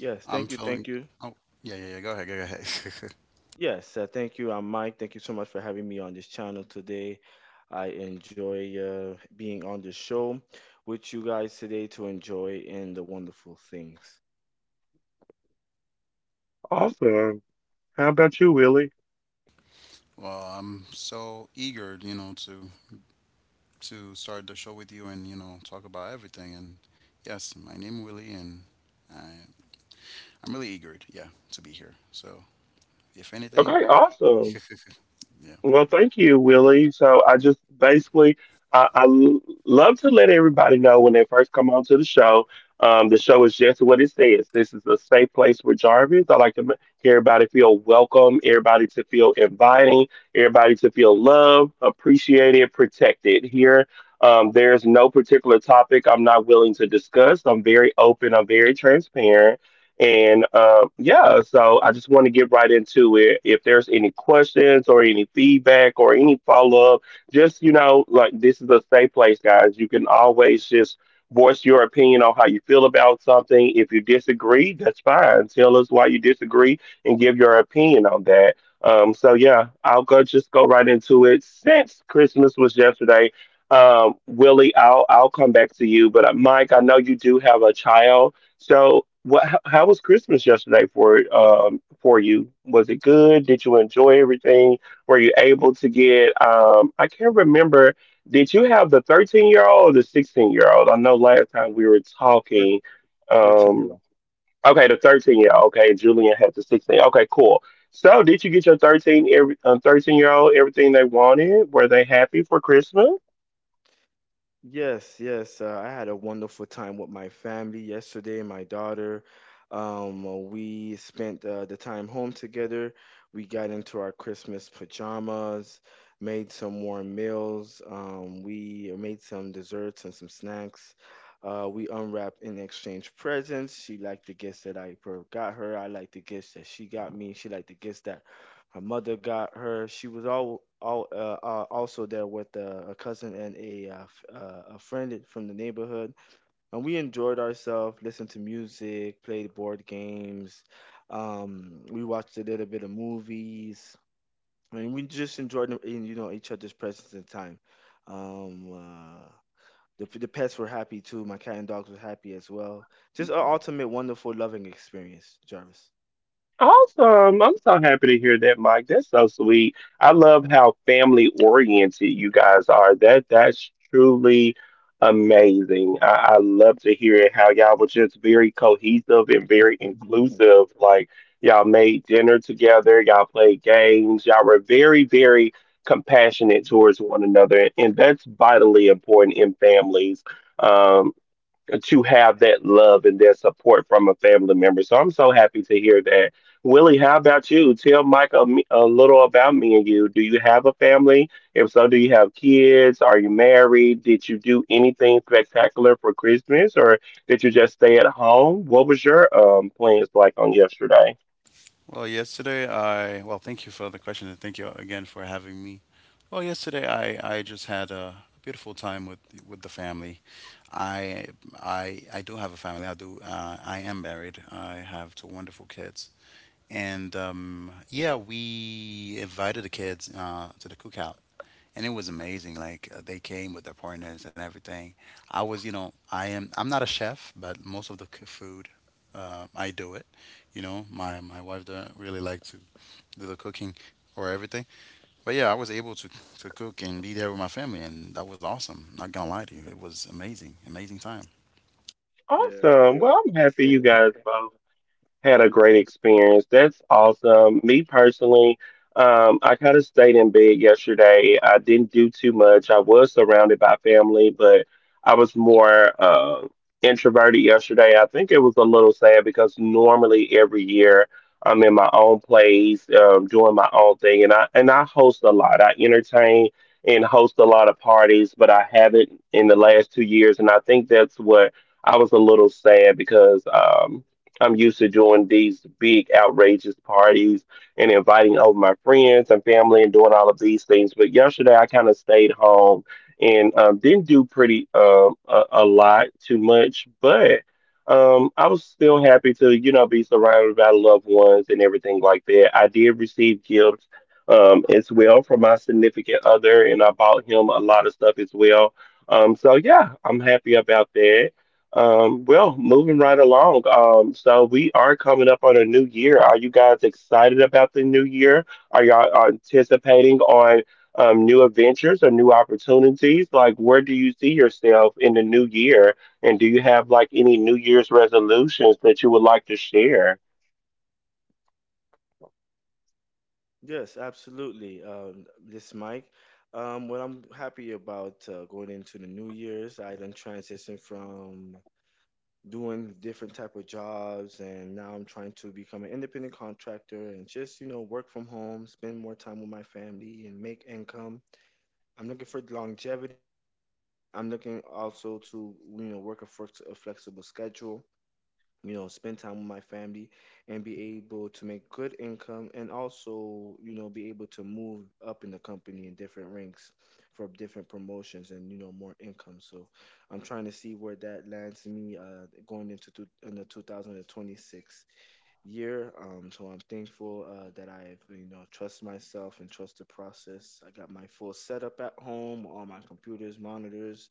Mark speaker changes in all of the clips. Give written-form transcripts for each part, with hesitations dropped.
Speaker 1: Yes,
Speaker 2: I'm
Speaker 1: thank you,
Speaker 2: feeling.
Speaker 1: thank you.
Speaker 2: Oh, yeah, yeah, yeah. Go ahead, go ahead.
Speaker 1: Yes, thank you. I'm Mike. Thank you so much for having me on this channel today. I enjoy being on the show with you guys today to enjoy and the wonderful things.
Speaker 2: I'm so eager, you know, to start the show with you, and you know, talk about everything. And yes, my name Willie, and I I'm really eager, yeah, to be here. So if anything, yeah,
Speaker 1: 13-year Yes, yes. I had a wonderful time with my family yesterday. We spent the time home together. We got into our Christmas pajamas, made some warm meals. We made some desserts and some snacks. We unwrapped and exchanged presents. She liked the gifts that got her. I liked the gifts that she got me. She liked the gifts that her mother got her. She was all also there with a cousin and a a friend from the neighborhood, and we enjoyed ourselves. Listened to music, played board games. We watched a little bit of movies. I mean, we just enjoyed you know each other's presence and time. Um, uh, the pets were happy too. My cat and dogs were happy as well. Just an ultimate wonderful loving experience, Jarvis.
Speaker 2: Thank you for the question, and thank you again for having me. Well, yesterday I just had a beautiful time with the family. I I do have a family. I do, I am married. I have two wonderful kids. And yeah, we invited the kids, to the cookout, and it was amazing. Like, they came with their partners and everything. I was, you know, I am. I'm not a chef, but most of the food, I do it. You know, my wife doesn't really like to do the cooking or everything. But yeah, I was able to cook and be there with my family, and that was awesome. Not gonna lie to you, it was amazing, amazing time.
Speaker 1: Yeah. Yes, absolutely. This Mike. What I'm happy about going into the new year's, I done transitioned from doing different type of jobs, and now I'm trying to become an independent contractor and just you know work from home, spend more time with my family, and make income. I'm looking for longevity. I'm looking also to you know work a flexible schedule, you know, spend time with my family and be able to make good income, and also you know be able to move up in the company in different ranks for different promotions and you know more income. So I'm trying to see where that lands me going into two, in the 2026 year. So I'm thankful that I've you know trust myself and trust the process. I got my full setup at home, all my computers, monitors,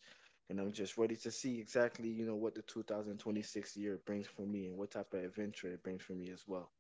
Speaker 1: and I'm just ready to see exactly you know what the 2026 year brings for me and what type of adventure it brings for me as well.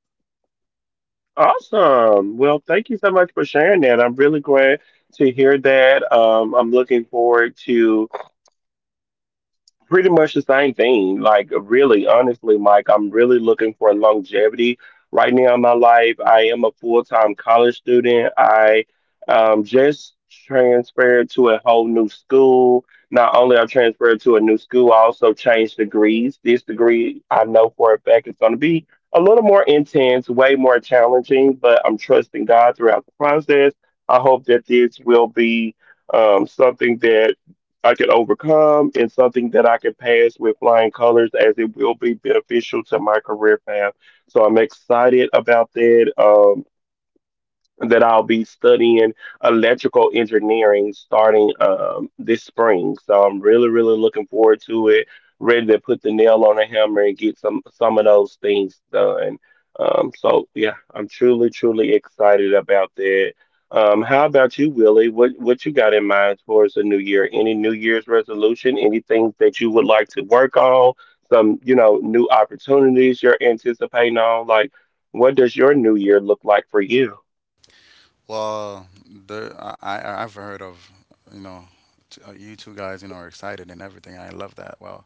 Speaker 2: Well, I've heard of, you know, you two guys, you know, are excited and everything. I love that. Well,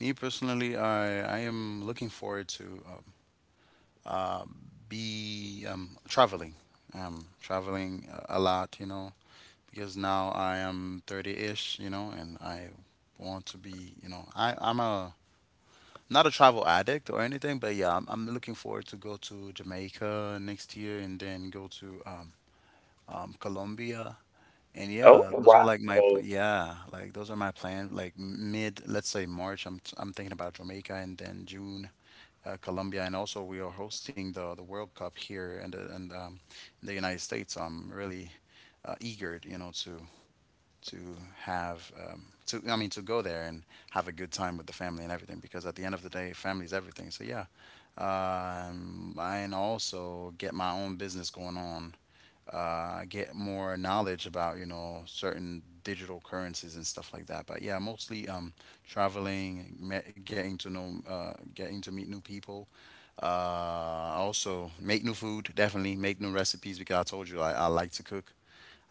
Speaker 2: me personally, I am looking forward to, um, be traveling. Traveling a lot, you know, because now I am 30-ish, you know, and I want to be, you know, I, I'm a not a travel addict or anything, but yeah, I'm looking forward to go to Jamaica next year, and then go to, Colombia. And yeah, those are like my pl- yeah, like those are my plan. Like mid, let's say March, I'm thinking about Jamaica, and then June, Colombia. And also, we are hosting the World Cup here in in the United States. So I'm really, eager, you know, to to have, to I mean, to go there and have a good time with the family and everything, because at the end of the day, family is everything. So yeah, and also get my own business going on. Get more knowledge about, you know, certain digital currencies and stuff like that. But yeah, mostly, traveling, getting to know, getting to meet new people, uh, also, make new food. Definitely make new recipes, because I told you I like to cook.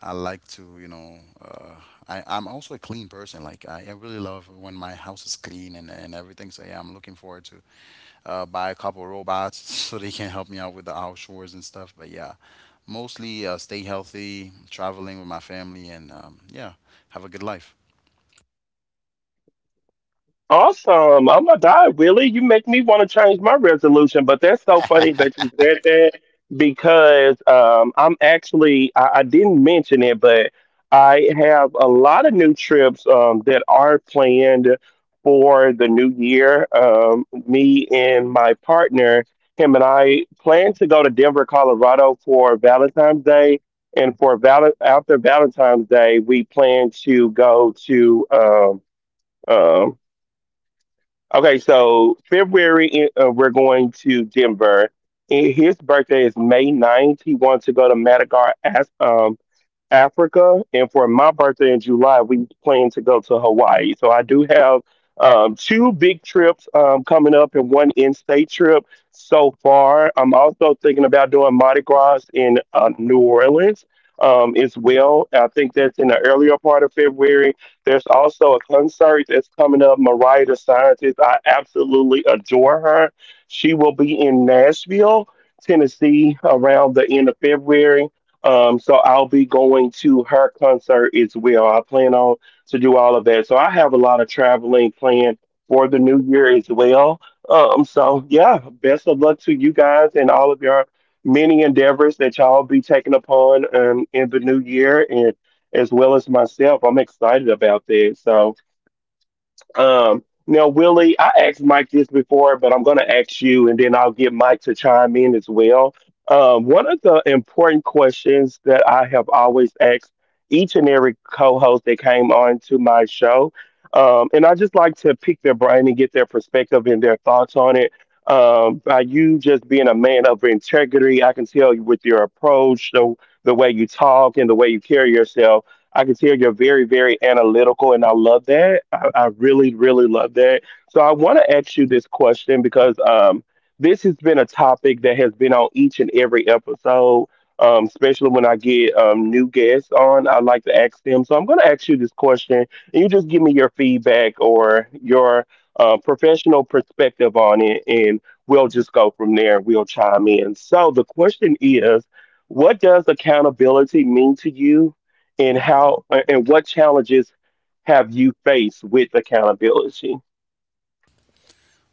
Speaker 2: I like to, you know, I'm also a clean person. Like I really love when my house is clean and everything. So yeah, I'm looking forward to, buy a couple of robots so they can help me out with the outdoors and stuff. But yeah, mostly, stay healthy, traveling with my family, and yeah, have a good life.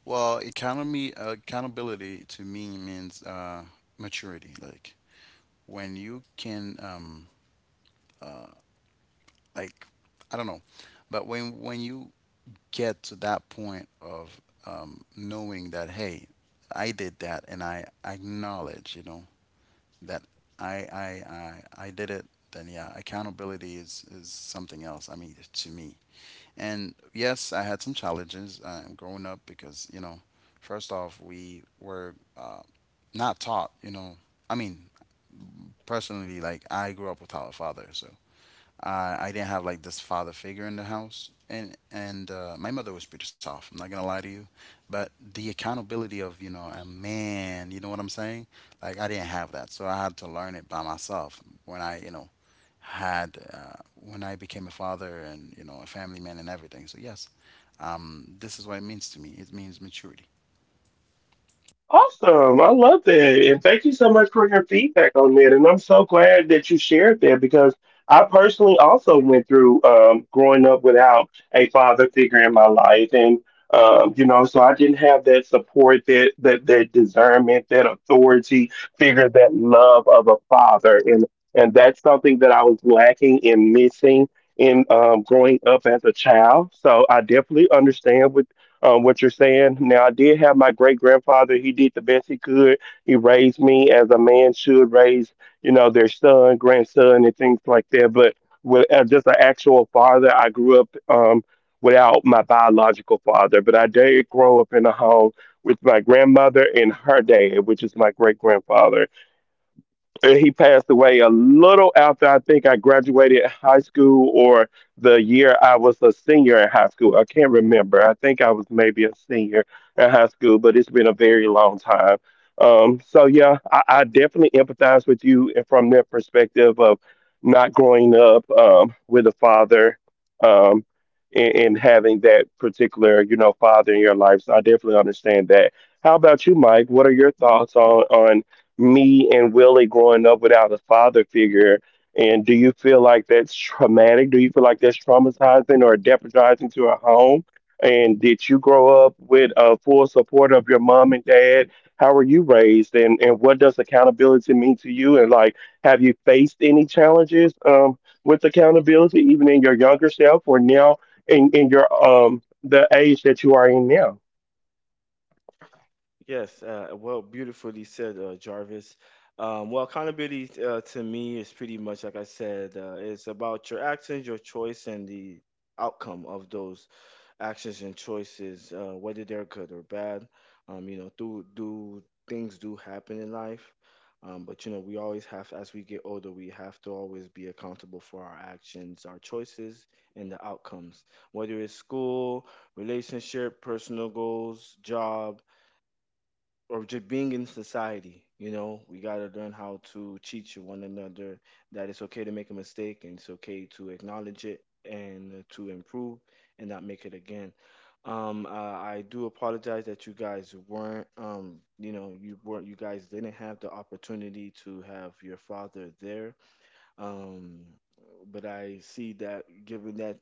Speaker 2: Well, economy accountability to me means, maturity. Like when you can, like I don't know, but when you get to that point of, knowing that, hey, I did that, and I acknowledge, you know, that I did it, then yeah, accountability is something else, I mean, to me. And yes, I had some challenges, growing up, because, you know, first off, we were, not taught, you know, I mean, personally, like I grew up without a father, so, I didn't have like this father figure in the house. And my mother was pretty soft. I'm not gonna lie to you, but the accountability of, you know, a man, you know what I'm saying? Like I didn't have that, so I had to learn it by myself when I, you know, had, when I became a father, and you know, a family man and everything. So yes, this is what it means to me. It means maturity.
Speaker 1: Yes, well, beautifully said, Jarvis. Well, accountability to me is pretty much like I said, it's about your actions, your choice, and the outcome of those actions and choices, whether they're good or bad. You know, do things do happen in life. But you know, we always have, as we get older, we have to always be accountable for our actions, our choices, and the outcomes. Whether it's school, relationship, personal goals, job, or just being in society. You know, we got to learn how to teach one another that it's okay to make a mistake, and it's okay to acknowledge it and to improve and not make it again. I do apologize that you guys weren't, you know, you weren't, you guys didn't have the opportunity to have your father there. Um, but I see that given that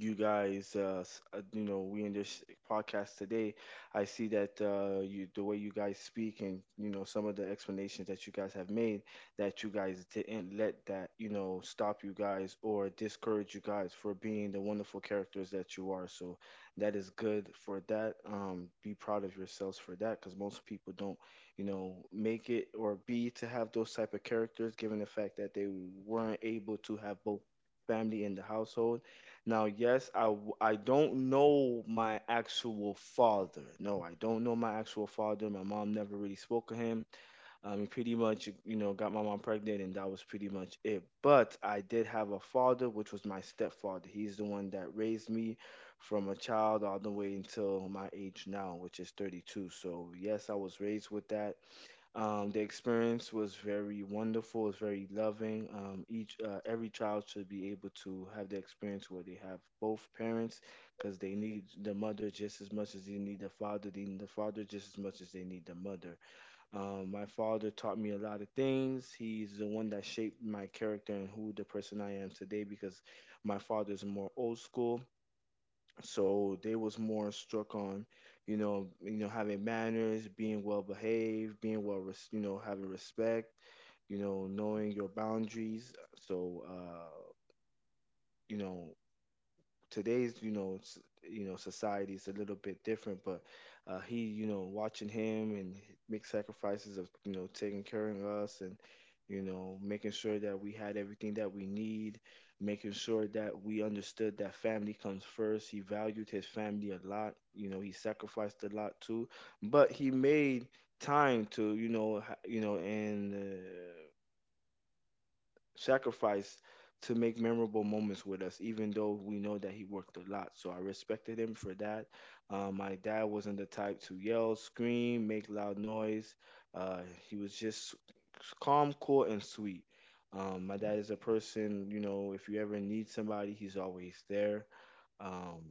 Speaker 1: you guys you know we in this podcast today, I see that you, the way you guys speak and you know some of the explanations that you guys have made, that you guys didn't let that you know stop you guys or discourage you guys for being the wonderful characters that you are. So that is good for that. Be proud of yourselves for that, because most people don't you know make it or be to have those type of characters given the fact that they weren't able to have both family in the household. Now, yes, I don't know my actual father. No, I don't know my actual father. My mom never really spoke of him. He pretty much, you know, got my mom pregnant, and that was pretty much it. But I did have a father, which was my stepfather. He's the one that raised me from a child all the way until my age now, which is 32. So, yes, I was raised with that. The experience was very wonderful. It's very loving. Each Every child should be able to have the experience where they have both parents, because they need the mother just as much as they need the father. They need the father just as much as they need the mother. My father taught me a lot of things. He's the one that shaped my character and who the person I am today. Because my father is more old school, so they was more struck on you know having manners, being well behaved, being you know having respect, you know knowing your boundaries. so uh you know, today's you know s- you know society is a little bit different. But he, you know, watching him and make sacrifices of you know taking care of us, and you know making sure that we had everything that we need, making sure that we understood that family comes first. He valued his family a lot. You know, he sacrificed a lot too, but he made time to you know, and sacrificed to make memorable moments with us, even though we know that he worked a lot. So I respected him for that. My dad wasn't the type to yell, scream, make loud noise. Uh, he was just calm, cool, and sweet. My dad is a person, you know, if you ever need somebody, he's always there. Um,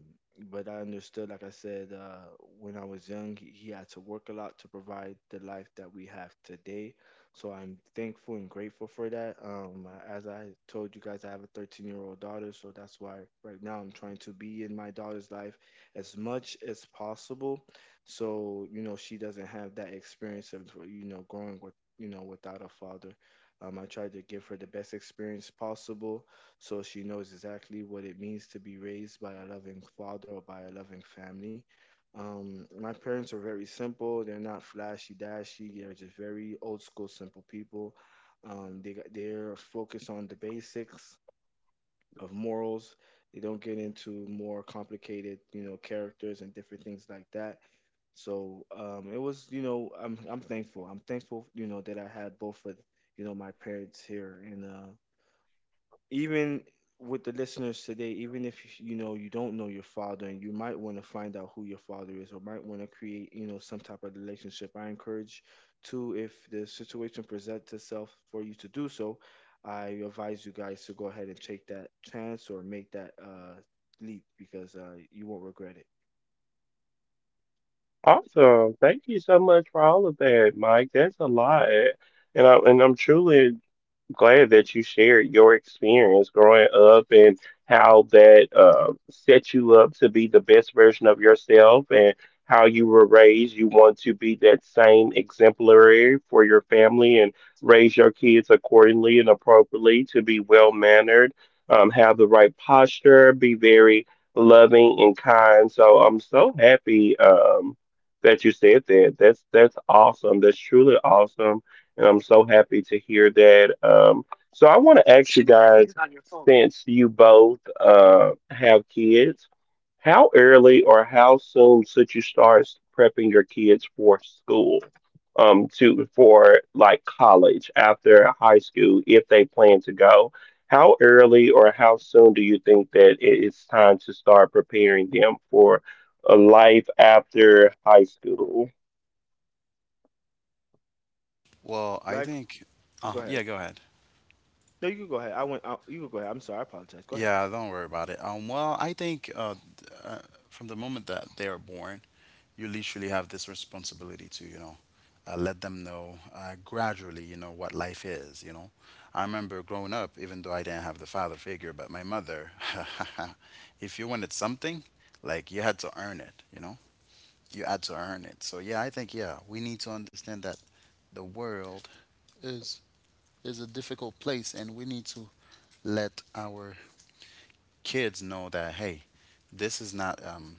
Speaker 1: but I understood, like I said, when I was young, he had to work a lot to provide the life that we have today. So I'm thankful and grateful for that. As I told you guys, I have a 13-year-old daughter, so that's why right now I'm trying to be in my daughter's life as much as possible. So, you know, she doesn't have that experience of, you know, growing with, you know, without a father. I tried to give her the best experience possible, so she knows exactly what it means to be raised by a loving father or by a loving family. My parents are very simple. They're not flashy dashy. They're just very old school, simple people. They're focused on the basics of morals. They don't get into more complicated, you know, characters and different things like that. It was, you know, I'm thankful. I'm thankful, you know, that I had both of, you know, my parents here, and even with the listeners today, even if you know you don't know your father and you might want to find out who your father is, or might want to create, you know, some type of relationship, I encourage to, if the situation presents itself for you to do so, I advise you guys to go ahead and take that chance or make that leap, because you won't regret it.
Speaker 2: Well, I
Speaker 1: Like
Speaker 2: think.
Speaker 1: go
Speaker 2: Yeah,
Speaker 1: ahead.
Speaker 2: go ahead.
Speaker 1: No, you can go ahead. I went out, you can go ahead. I'm sorry, I apologize. Go ahead.
Speaker 2: Yeah, don't worry about it. Well, I think, from the moment that they are born, you literally have this responsibility to, you know, let them know, gradually, you know, what life is. You know, I remember growing up, even though I didn't have the father figure, but my mother, if you wanted something, like you had to earn it, you know, you had to earn it. So yeah, I think, yeah, we need to understand that the world is is a difficult place, and we need to let our kids know that, hey, this is not,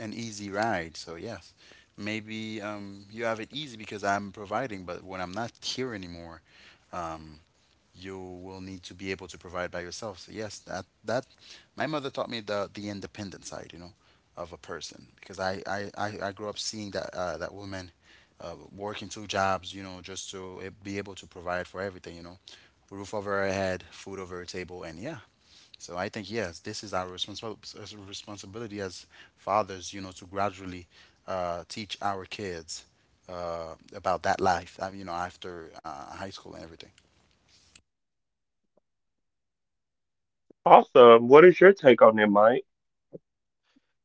Speaker 2: an easy ride. So yes, maybe, you have it easy because I'm providing, but when I'm not here anymore, um, you will need to be able to provide by yourself. So yes, that my mother taught me the independent side, you know, of a person, because I grew up seeing that, that woman, working 2 jobs, you know, just to, be able to provide for everything, you know, roof over her head, food over her table. And yeah, so I think yes, this is our responsibility as fathers, you know, to gradually, teach our kids, about that life, you know, after, high school and everything.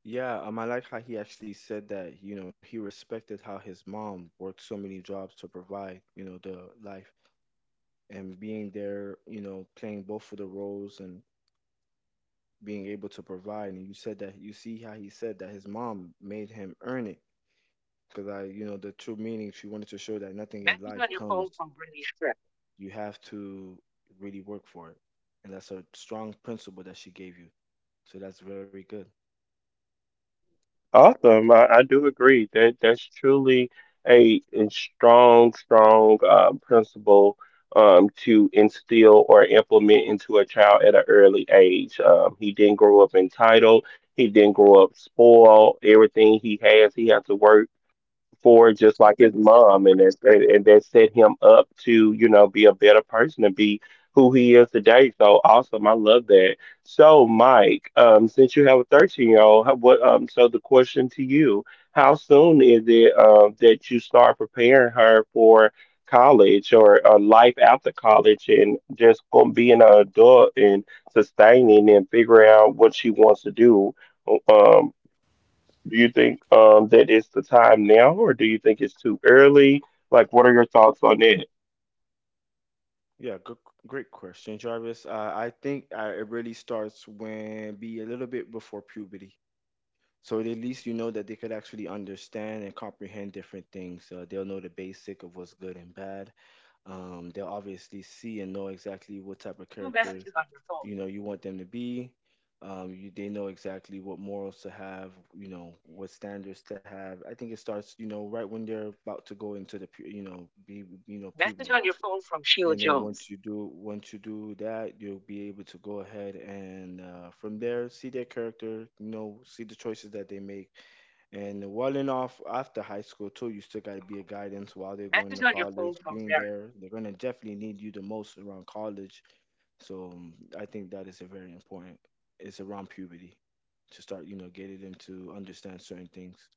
Speaker 1: Yeah, I like how he actually said that, you know, he respected how his mom worked so many jobs to provide, you know, the life and being there, you know, playing both of the roles and being able to provide. And you said that you see how he said that his mom made him earn it. Because I, you know, the true meaning, she wanted to show that nothing in life comes. You have to really work for it. And that's a strong principle that she gave you. So that's very good. Yeah, good, great question, Jarvis. I think it really starts when be a little bit before puberty. So at least you know that they could actually understand and comprehend different things. They'll know the basic of what's good and bad. They'll obviously see and know exactly what type of character you know you want them to be. They know exactly what morals to have, you know, what standards to have. I think it starts, you know, right when they're about to go into you know, be, you know, puberty. And then once you do that, you'll be able to go ahead, and from there see their character, you know, see the choices that they make. And well enough after high school too, you still got to be a guidance while they're going to college. Being there, they're going to definitely need you the most around college. I think that is a very important, it's around puberty to start, you know, getting them to understand certain things.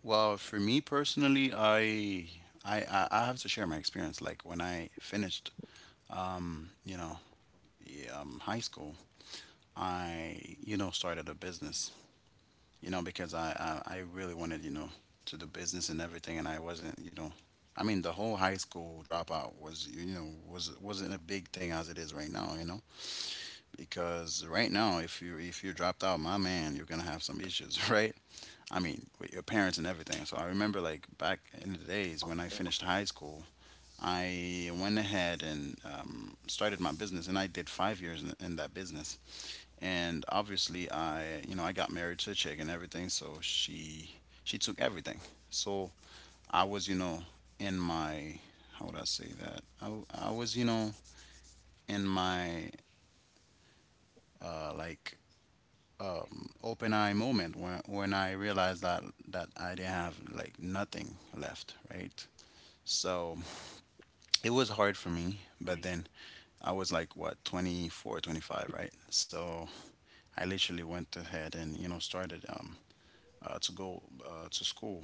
Speaker 2: Well, for me personally, I have to share my experience. Like when I finished, um, you know, yeah, high school, I, you know, started a business. You know, because I really wanted, you know, to do business and everything. And I wasn't, you know, I mean, the whole high school dropout was, you know, wasn't a big thing as it is right now, you know, because right now, if you dropped out, my man, you're gonna have some issues, right? I mean, with your parents and everything. So I remember, like back in the days, when I finished high school, I went ahead and, started my business, and I did 5 years in that business. And obviously, I, you know, I got married to a chick and everything, so she took everything. So I was, you know, in my how would I say that I w- I was, you know, in my like open eye moment, when I realized that I didn't have like nothing left, right? So it was hard for me. But then I was like, what, 24, 25, right? So I literally went ahead and, you know, started, to go, to school.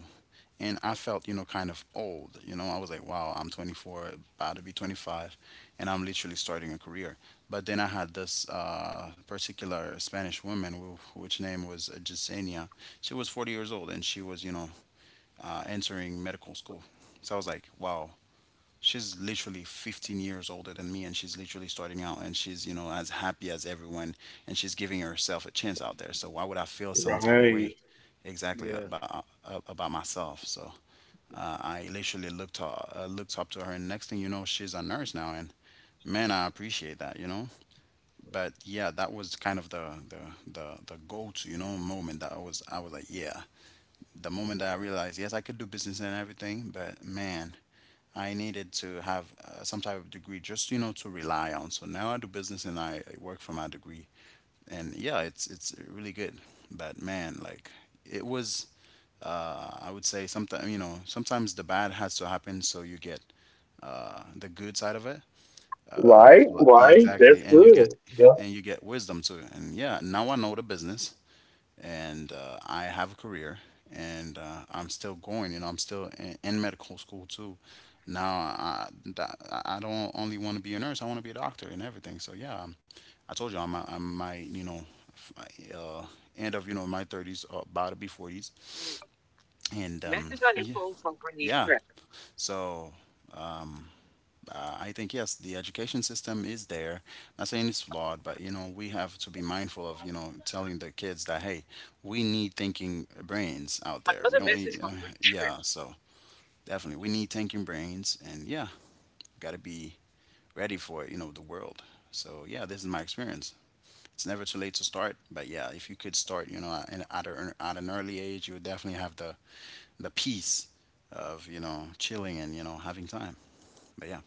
Speaker 2: And I felt, you know, kind of old. You know, I was like, wow, I'm 24, about to be 25, and I'm literally starting a career. But then I had this, particular Spanish woman, which name was, Yesenia. She was 40 years old, and she was, you know, entering medical school. So I was like, wow, she's literally 15 years older than me, and she's literally starting out, and she's, you know, as happy as everyone, and she's giving herself a chance out there. So why would I feel some type of way exactly
Speaker 1: Yeah.
Speaker 2: about, about myself? So, I literally looked up to her, and next thing you know, she's a nurse now. And man, I appreciate that, you know. But yeah, that was kind of the go-to, you know, moment that I was like, yeah, the moment that I realized, yes, I could do business and everything, but man, I needed to have, some type of degree, just, you know, to rely on. So now I do business, and I work for my degree, and yeah, it's really good. But man, like it was, I would say, sometimes, you know, sometimes the bad has to happen so you get, the good side of it. Uh, yeah, exactly, and you get wisdom too. And yeah, now I know the business, and I have a career, and I'm still going. You know, I'm still in medical school too. Now, I I don't only want to be a nurse. I want to be a doctor and everything. So yeah, I told you, I'm my you know f- my, end of, you know, my 30s, about to be 40s, and yeah, yeah. So, I think yes, the education system is there. Not saying it's flawed, but you know, we have to be mindful of, you know, telling the kids that, hey, we need thinking brains out there. We don't need, yeah. So definitely, we need thinking brains, and yeah, got to be ready for it. You know, the world. So yeah, this is my experience. It's never too late to start, but yeah, if you could start, you know, at an early age, you would definitely have the peace of chilling and having time. But yeah.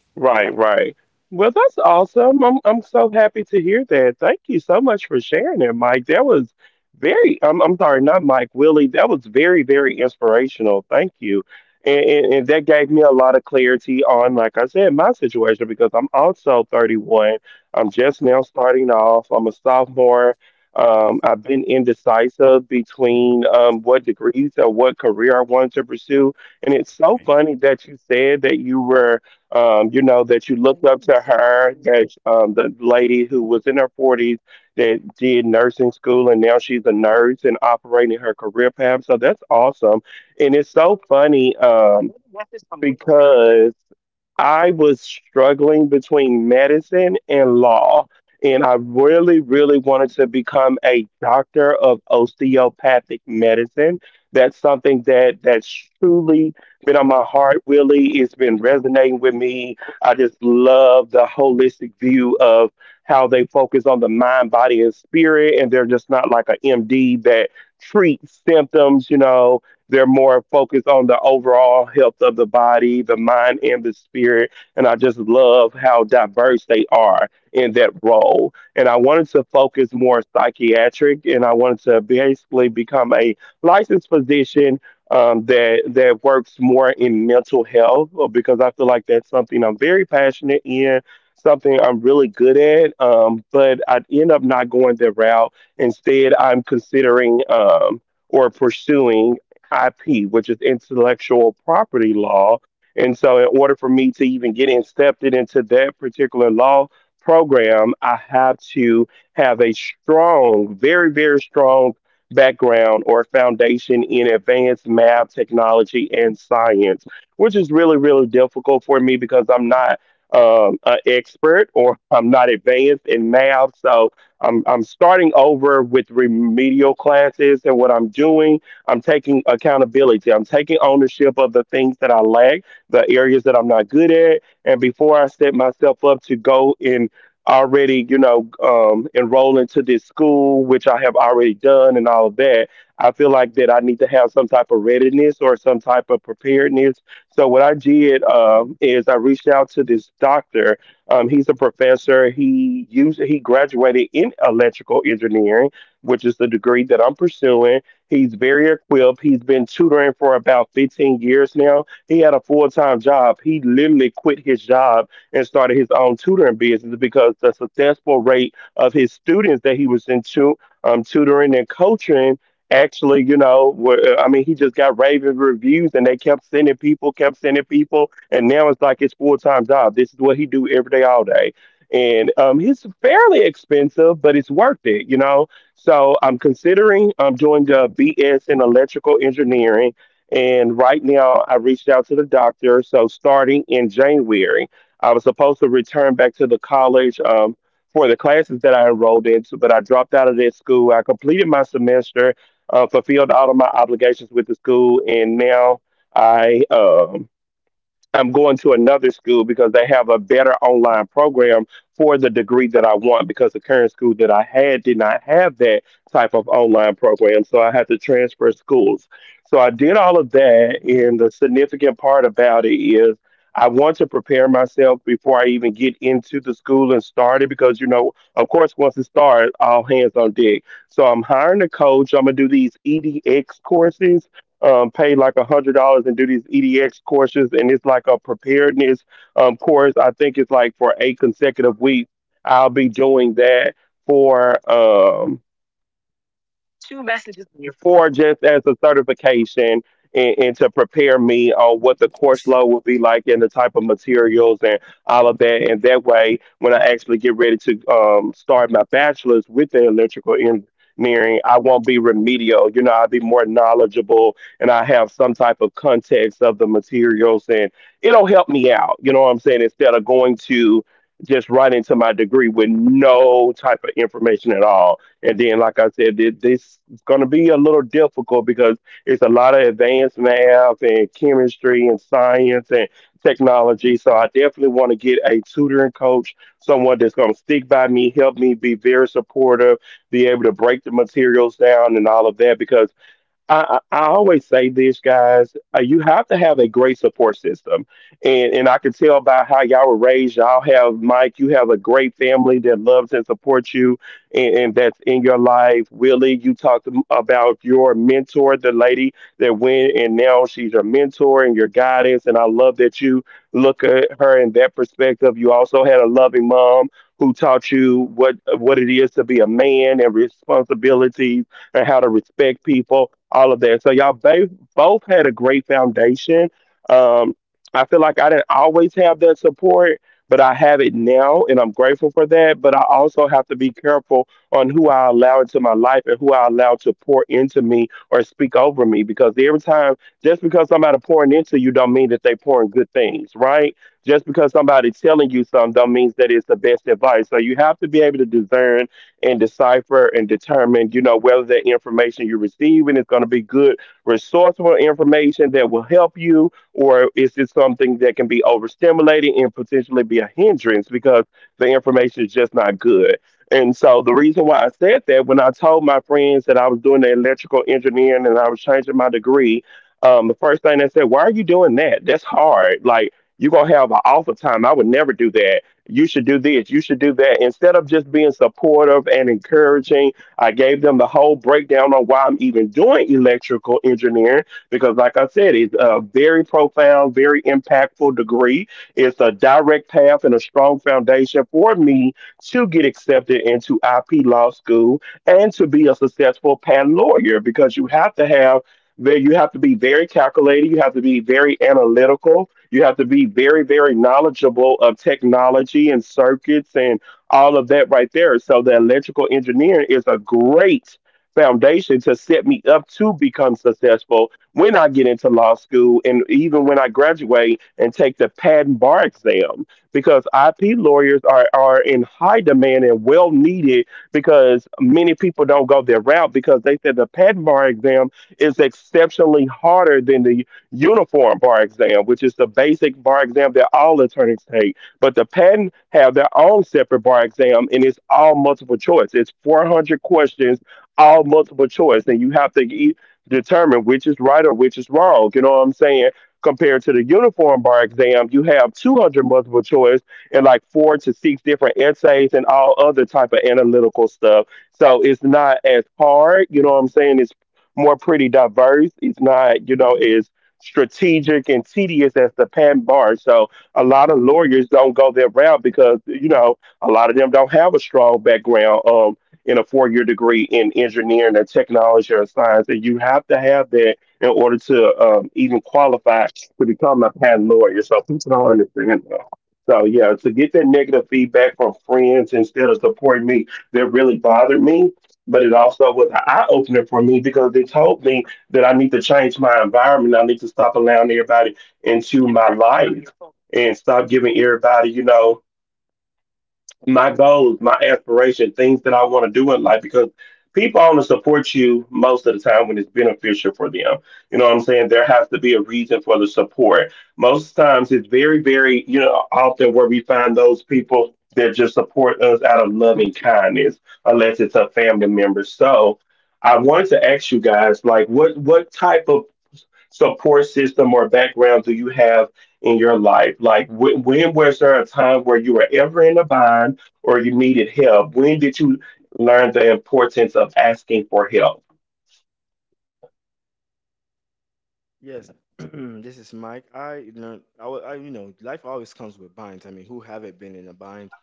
Speaker 1: Yes, this is Mike. I, you know, I, wa- I, you know, Life always comes with binds. I mean, who haven't been in a bind?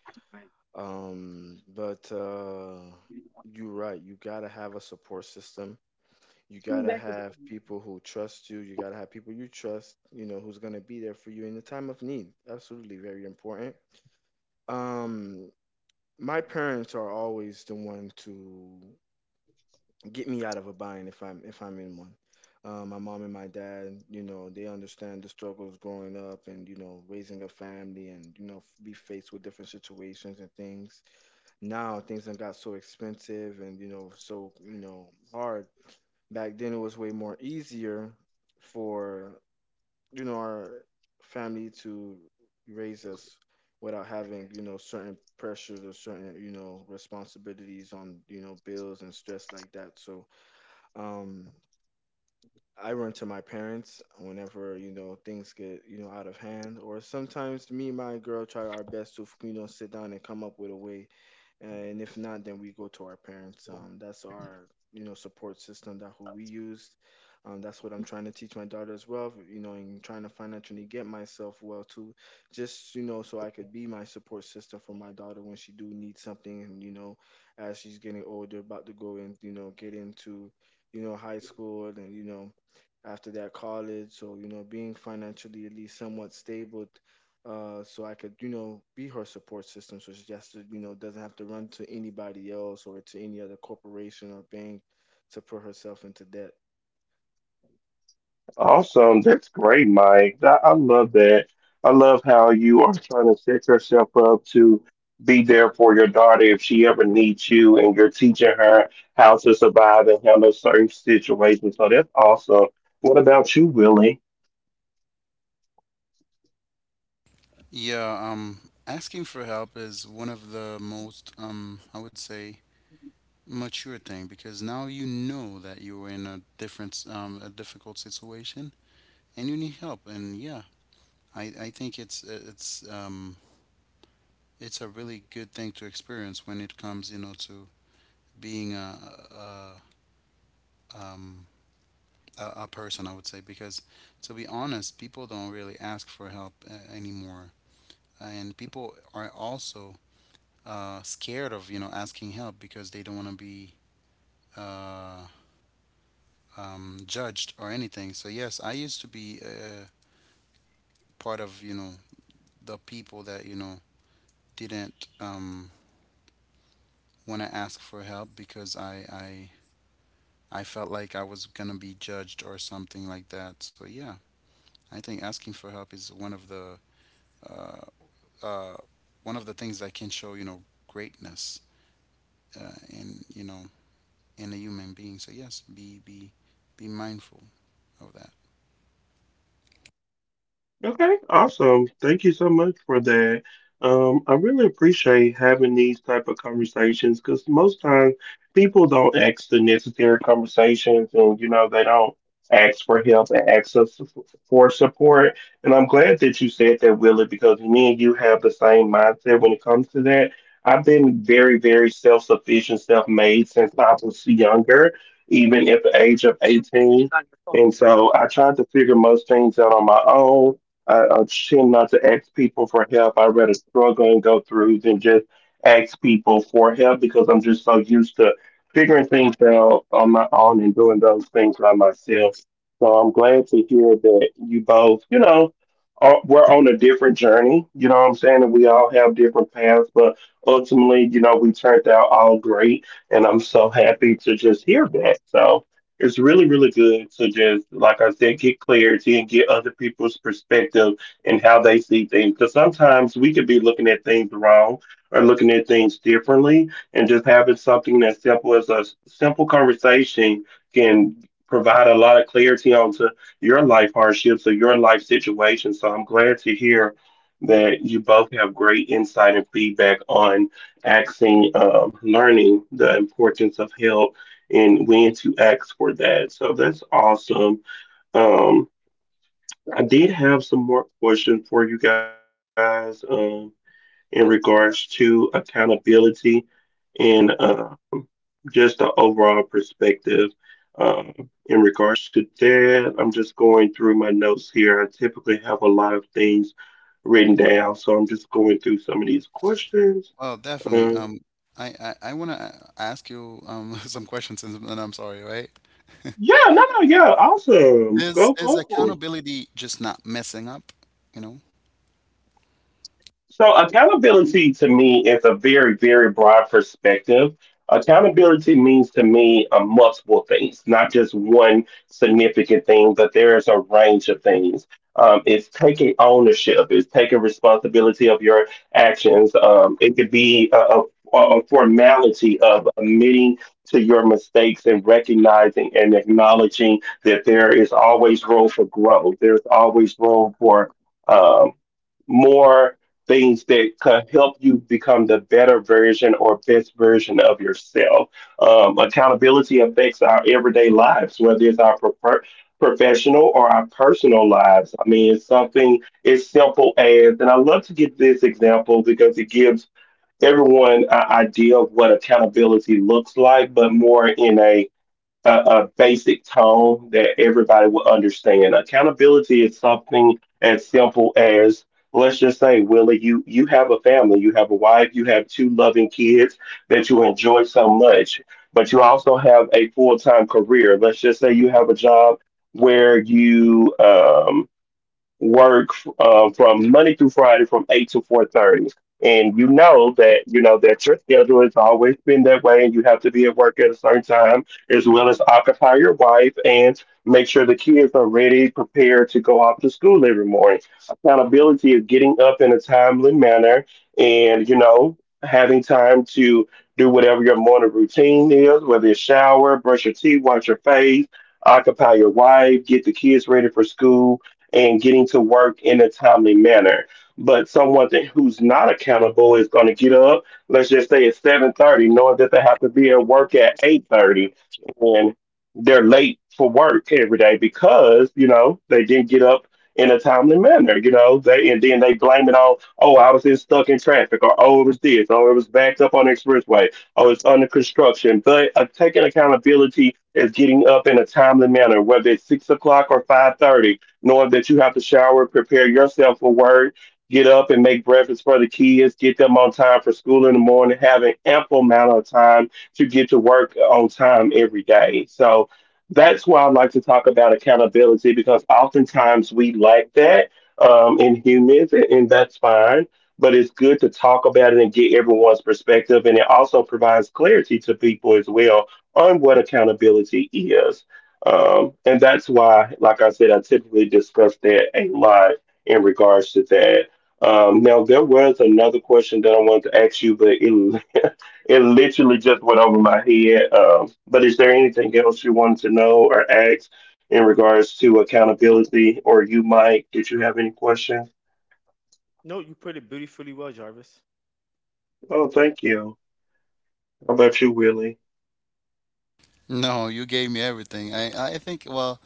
Speaker 1: But you're right. You gotta have a support system. You gotta have people who trust you. You gotta have people you trust. You know, who's gonna be there for you in the time of need. Absolutely, very important. Um, my parents are always the one to get me out of a bind if I'm in one. My mom and my dad, you know, they understand the struggles growing up and you know raising a family and be faced with different situations and things. Now things have got so expensive and you know so you know hard. Back then it was way more easier for you know our family to raise us without having you know certain pressures or certain you know responsibilities on you know bills and stress like that. So um I run to my parents whenever you know things get you know out of hand, or sometimes me and my girl try our best to you know sit down and come up with a way, and if not then we go to our parents. That's our you know support system, that who we used. That's what I'm trying to teach my daughter as well, you know, and trying to financially get myself well too, just you know so I could be my support system for my daughter when she do need something. And you know, as she's getting older, about to go and you know get into you know high school and you know after that college, so you know being financially at least somewhat stable, so I could, you know, be her support system. So she just, you know, doesn't have to run to anybody else or to any other corporation or bank to put herself into debt.
Speaker 2: Yeah, asking for help is one of the most, I would say, mature thing because now you know that you are in a different, a difficult situation and you need help. And yeah, I think it's it's a really good thing to experience when it comes, you know, to being a um a person, I would say, because to be honest, people don't really ask for help anymore, and people are also scared of asking help because they don't want to be uh, judged or anything. So yes, I used to be part of the people that didn't want to ask for help because I felt like I was gonna be judged or something like that. So yeah, I think asking for help is uh, uh, one of the things that can show greatness in in a human being. So yes, be mindful of that. Well, definitely. I want to ask you some questions, and I'm sorry, right? Is accountability just not messing up? You know?
Speaker 1: No, you put it beautifully well, Jarvis.
Speaker 2: No, you gave me everything. I think well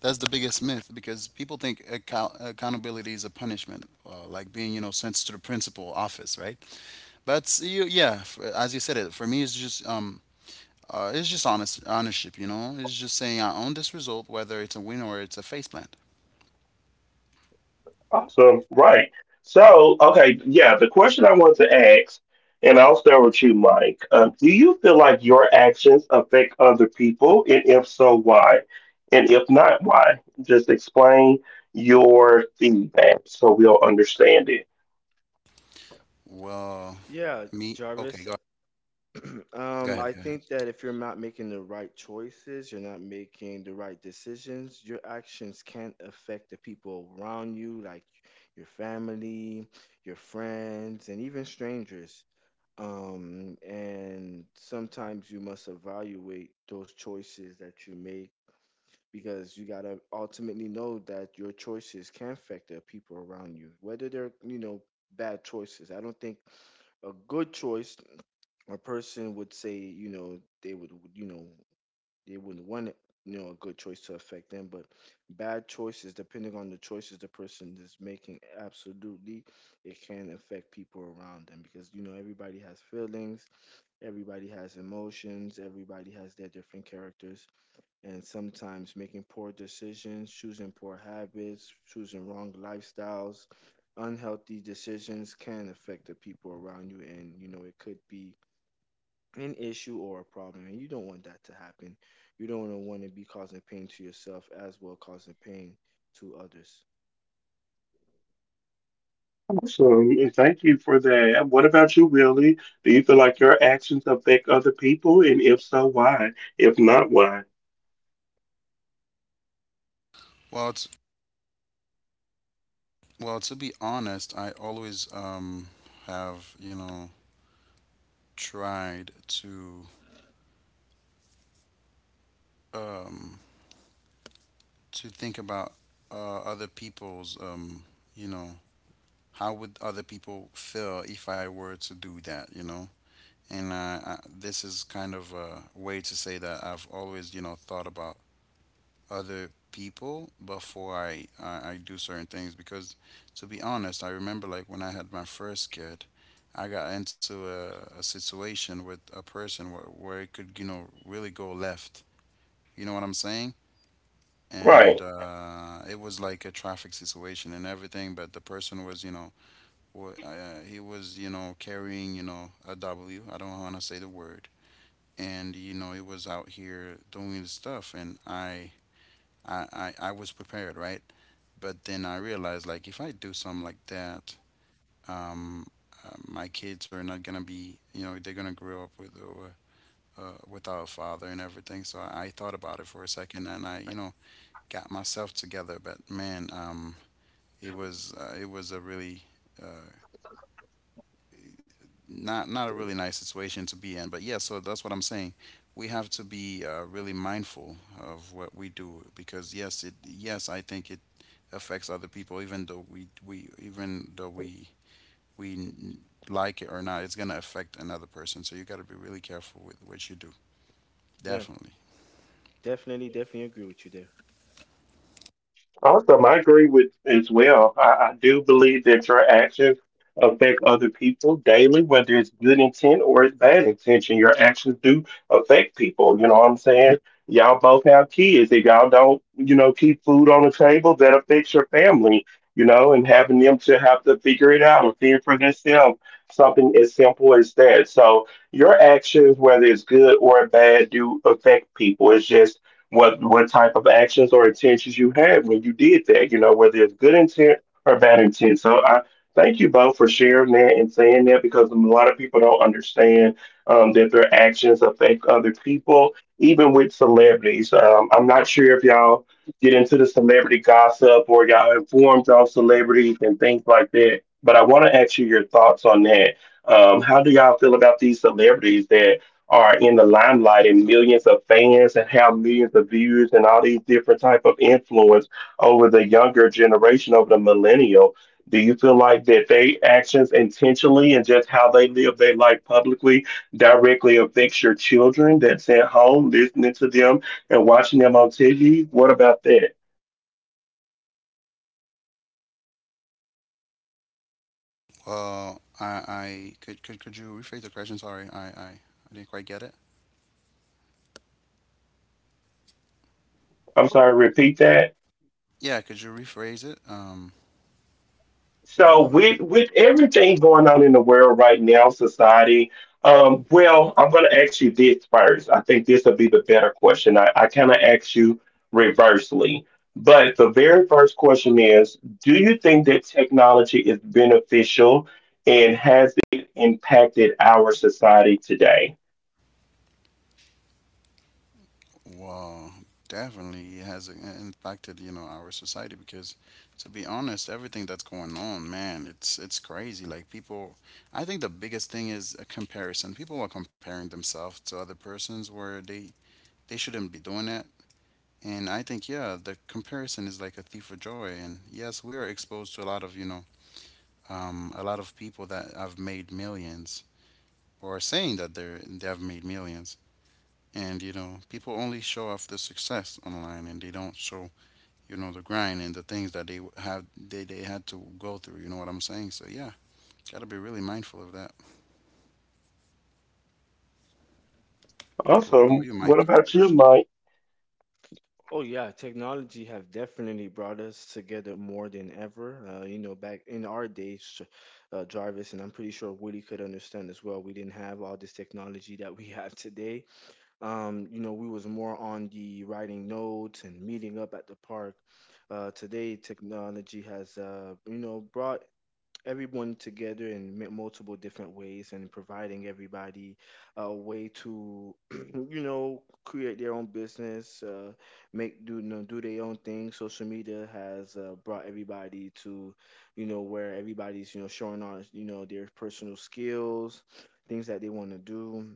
Speaker 2: that's the biggest myth because people think accountability is a punishment, like being you know sent to the principal office, right? But you yeah, f as you said it, for me it's just honest ownership, you know. It's just saying I own this result, whether it's a win or it's a faceplant. Well,
Speaker 1: Yeah,
Speaker 2: me. Okay,
Speaker 1: Jarvis.
Speaker 2: go Go ahead,
Speaker 1: I
Speaker 2: go ahead.
Speaker 1: think that if you're not making the right choices, you're not making the right decisions, your actions can affect the people around you, like your family, your friends, and even strangers. And sometimes you must evaluate those choices that you make, because you gotta ultimately know that your choices can affect the people around you, whether they're, you know, bad choices. I don't think a good choice, a person would say, you know, they would, you know, they wouldn't want it, you know, a good choice to affect them, but bad choices, depending on the choices the person is making, absolutely, it can affect people around them because, you know, everybody has feelings. Everybody has emotions, everybody has their different characters, and sometimes making poor decisions, choosing poor habits, choosing wrong lifestyles, unhealthy decisions can affect the people around you, and you know, it could be an issue or a problem, and you don't want that to happen. You don't want to be causing pain to yourself as well, causing pain to others.
Speaker 2: Well, it's well, to be honest, I always have, you know, tried to um to think about other people's you know, how would other people feel if I were to do that, you know? And I, this is kind of a way to say that I've always, you know, thought about other people before I do certain things because to be honest, I remember like when I had my first kid, I got into a situation with a person where it could you know really go left. You know what I'm saying? And it was like a traffic situation and everything, but the person was you know he was you know carrying you know a W. I don't want to say the word. And you know he was out here doing his stuff, and I was prepared, right? But then I realized, like, if I do something like that, um, my kids are not gonna be, you know, they're gonna grow up with without a father and everything. So I, thought about it for a second, and I, you know, got myself together. But man, it was a really uh, not a really nice situation to be in. But yeah, so that's what I'm saying. We have to be really mindful of what we do because yes, it yes, I think it affects other people even though we even though we like it or not, it's gonna affect another person. So you gotta be really careful with what you do.
Speaker 1: Yeah,
Speaker 2: Definitely.
Speaker 1: definitely, definitely agree with you there.
Speaker 2: Well, I could, could you rephrase the question? Sorry, I didn't quite get it. Yeah, could you rephrase it? The question. Well, definitely it has I- impacted you know our society because, to be honest, everything that's going on, man, it's crazy. Like people, I think the biggest thing is a comparison. People are comparing themselves to other persons where they shouldn't be doing that. And I think, yeah, the comparison is like a thief of joy. And yes, we are exposed to a lot of, you know, a lot of people that have made millions or are saying that they have made millions. And, you know, people only show off the success online and they don't show, you know, the grind and the things that they had to go through. You know what I'm saying? So, yeah, gotta be really mindful of that. What about you, Mike?
Speaker 1: Oh yeah, technology have definitely brought us together more than ever. You know, back in our days, Jarvis, and I'm pretty sure Woody could understand as well. We didn't have all this technology that we have today. You know, we was more on the writing notes and meeting up at the park. Today, technology has you know brought everyone together in multiple different ways, and providing everybody a way to you know create their own business, make do you know, do their own thing. Social media has brought everybody to you know where everybody's you know showing on you know their personal skills, things that they want to do.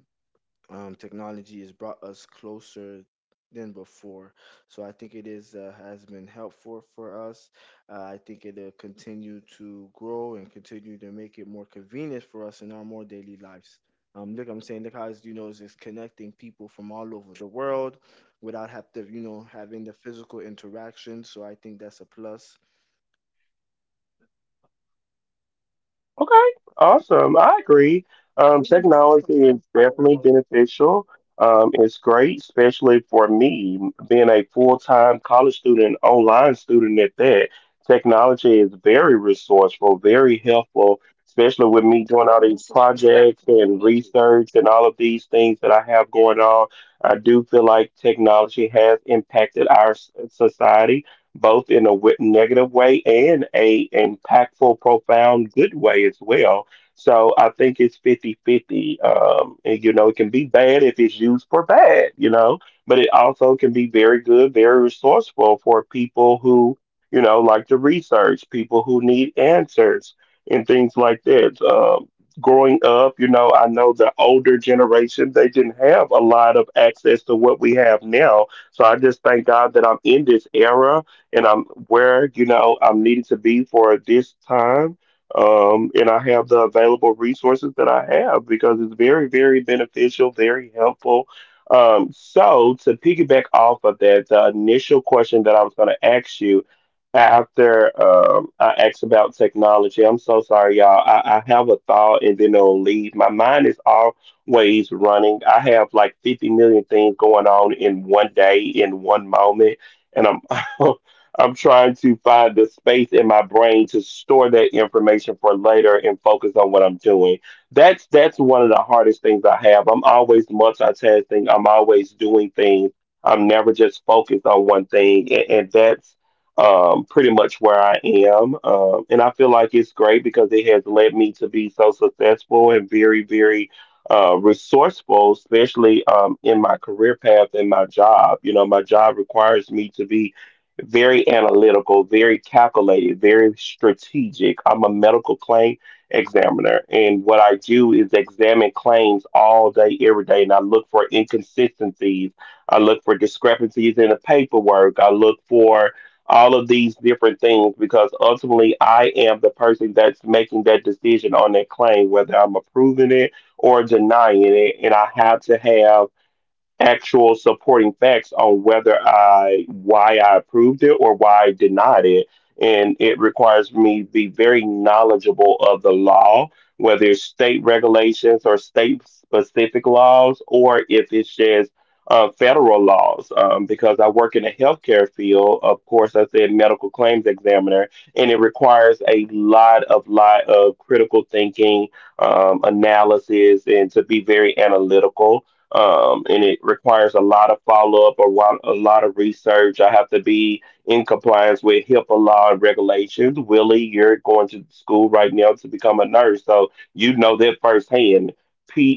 Speaker 1: Technology has brought us closer than before. So I think it is has been helpful for us. I think it'll continue to grow and continue to make it more convenient for us in our more daily lives. Look, I'm saying, look how it's, you know, it's just connecting people from all over the world without have to, you know, having the physical interaction. So I think that's a plus.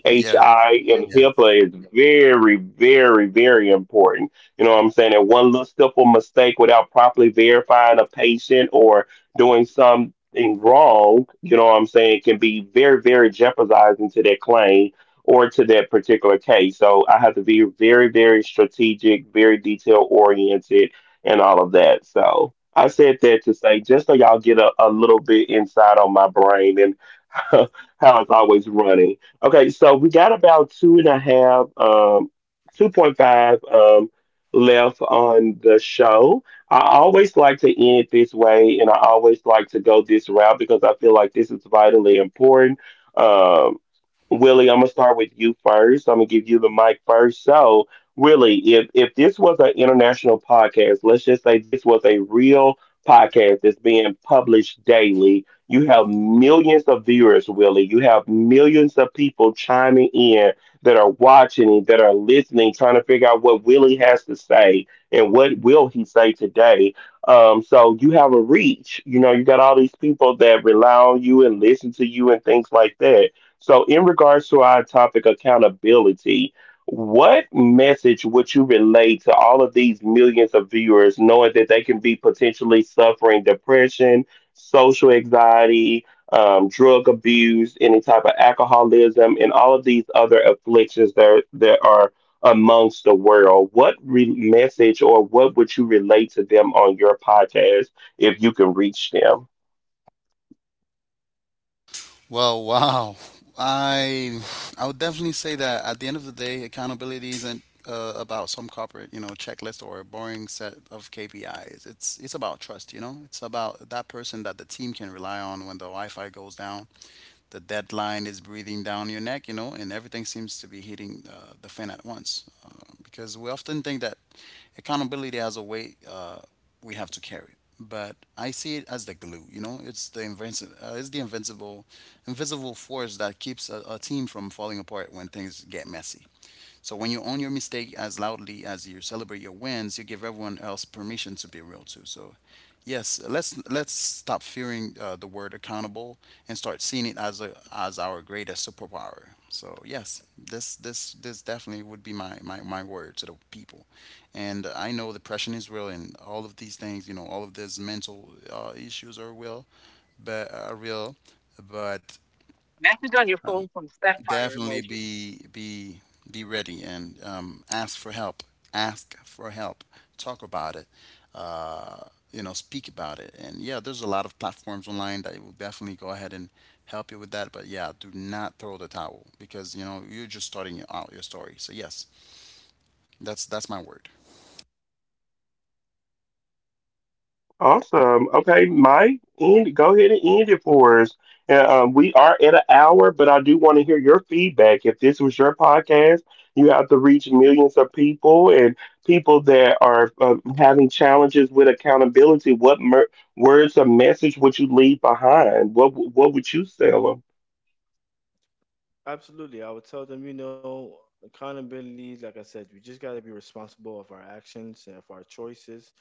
Speaker 2: Yes, yeah. Well, wow. I I would definitely say that at the end of the day, accountability isn't about some corporate, you know, checklist or a boring set of KPIs. It's about trust, you know. It's about that person that the team can rely on when the Wi-Fi goes down, the deadline is breathing down your neck, you know, and everything seems to be hitting the fan at once. Because we often think that accountability has a weight we have to carry, but I see it as the glue. You know, it's the invincible, invisible force that keeps a team from falling apart when things get messy. So when you own your mistake as loudly as you celebrate your wins, you give everyone else permission to be real too. So yes, let's stop fearing the word accountable and start seeing it as a as our greatest superpower. So yes, this definitely would be my word to the people. And I know depression is real and all of these things, you know, all of these mental issues are real, but definitely be ready and ask for help. Ask for help. Talk about it. Uh, you know, speak about it. And yeah, there's a lot of platforms online that will definitely go ahead and help you with that. But yeah, do not throw the towel because you know you're just starting out your story. So yes, that's my word.
Speaker 1: Absolutely. I would tell them, you know, accountability, like I said, we just got to be responsible of our actions and of our choices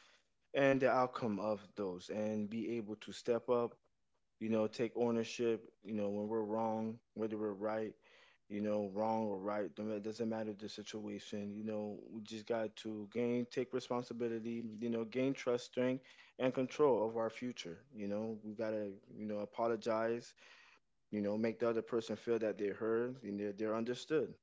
Speaker 1: and the outcome of those, and be able to step up, you know, take ownership, you know, when we're wrong, whether we're right, you know, wrong or right, don't- it doesn't matter the situation, you know, we just got to gain, take responsibility, you know, gain trust, strength, and control of our future. You know, we got to, you know, apologize, you know, make the other person feel that they're heard and they're understood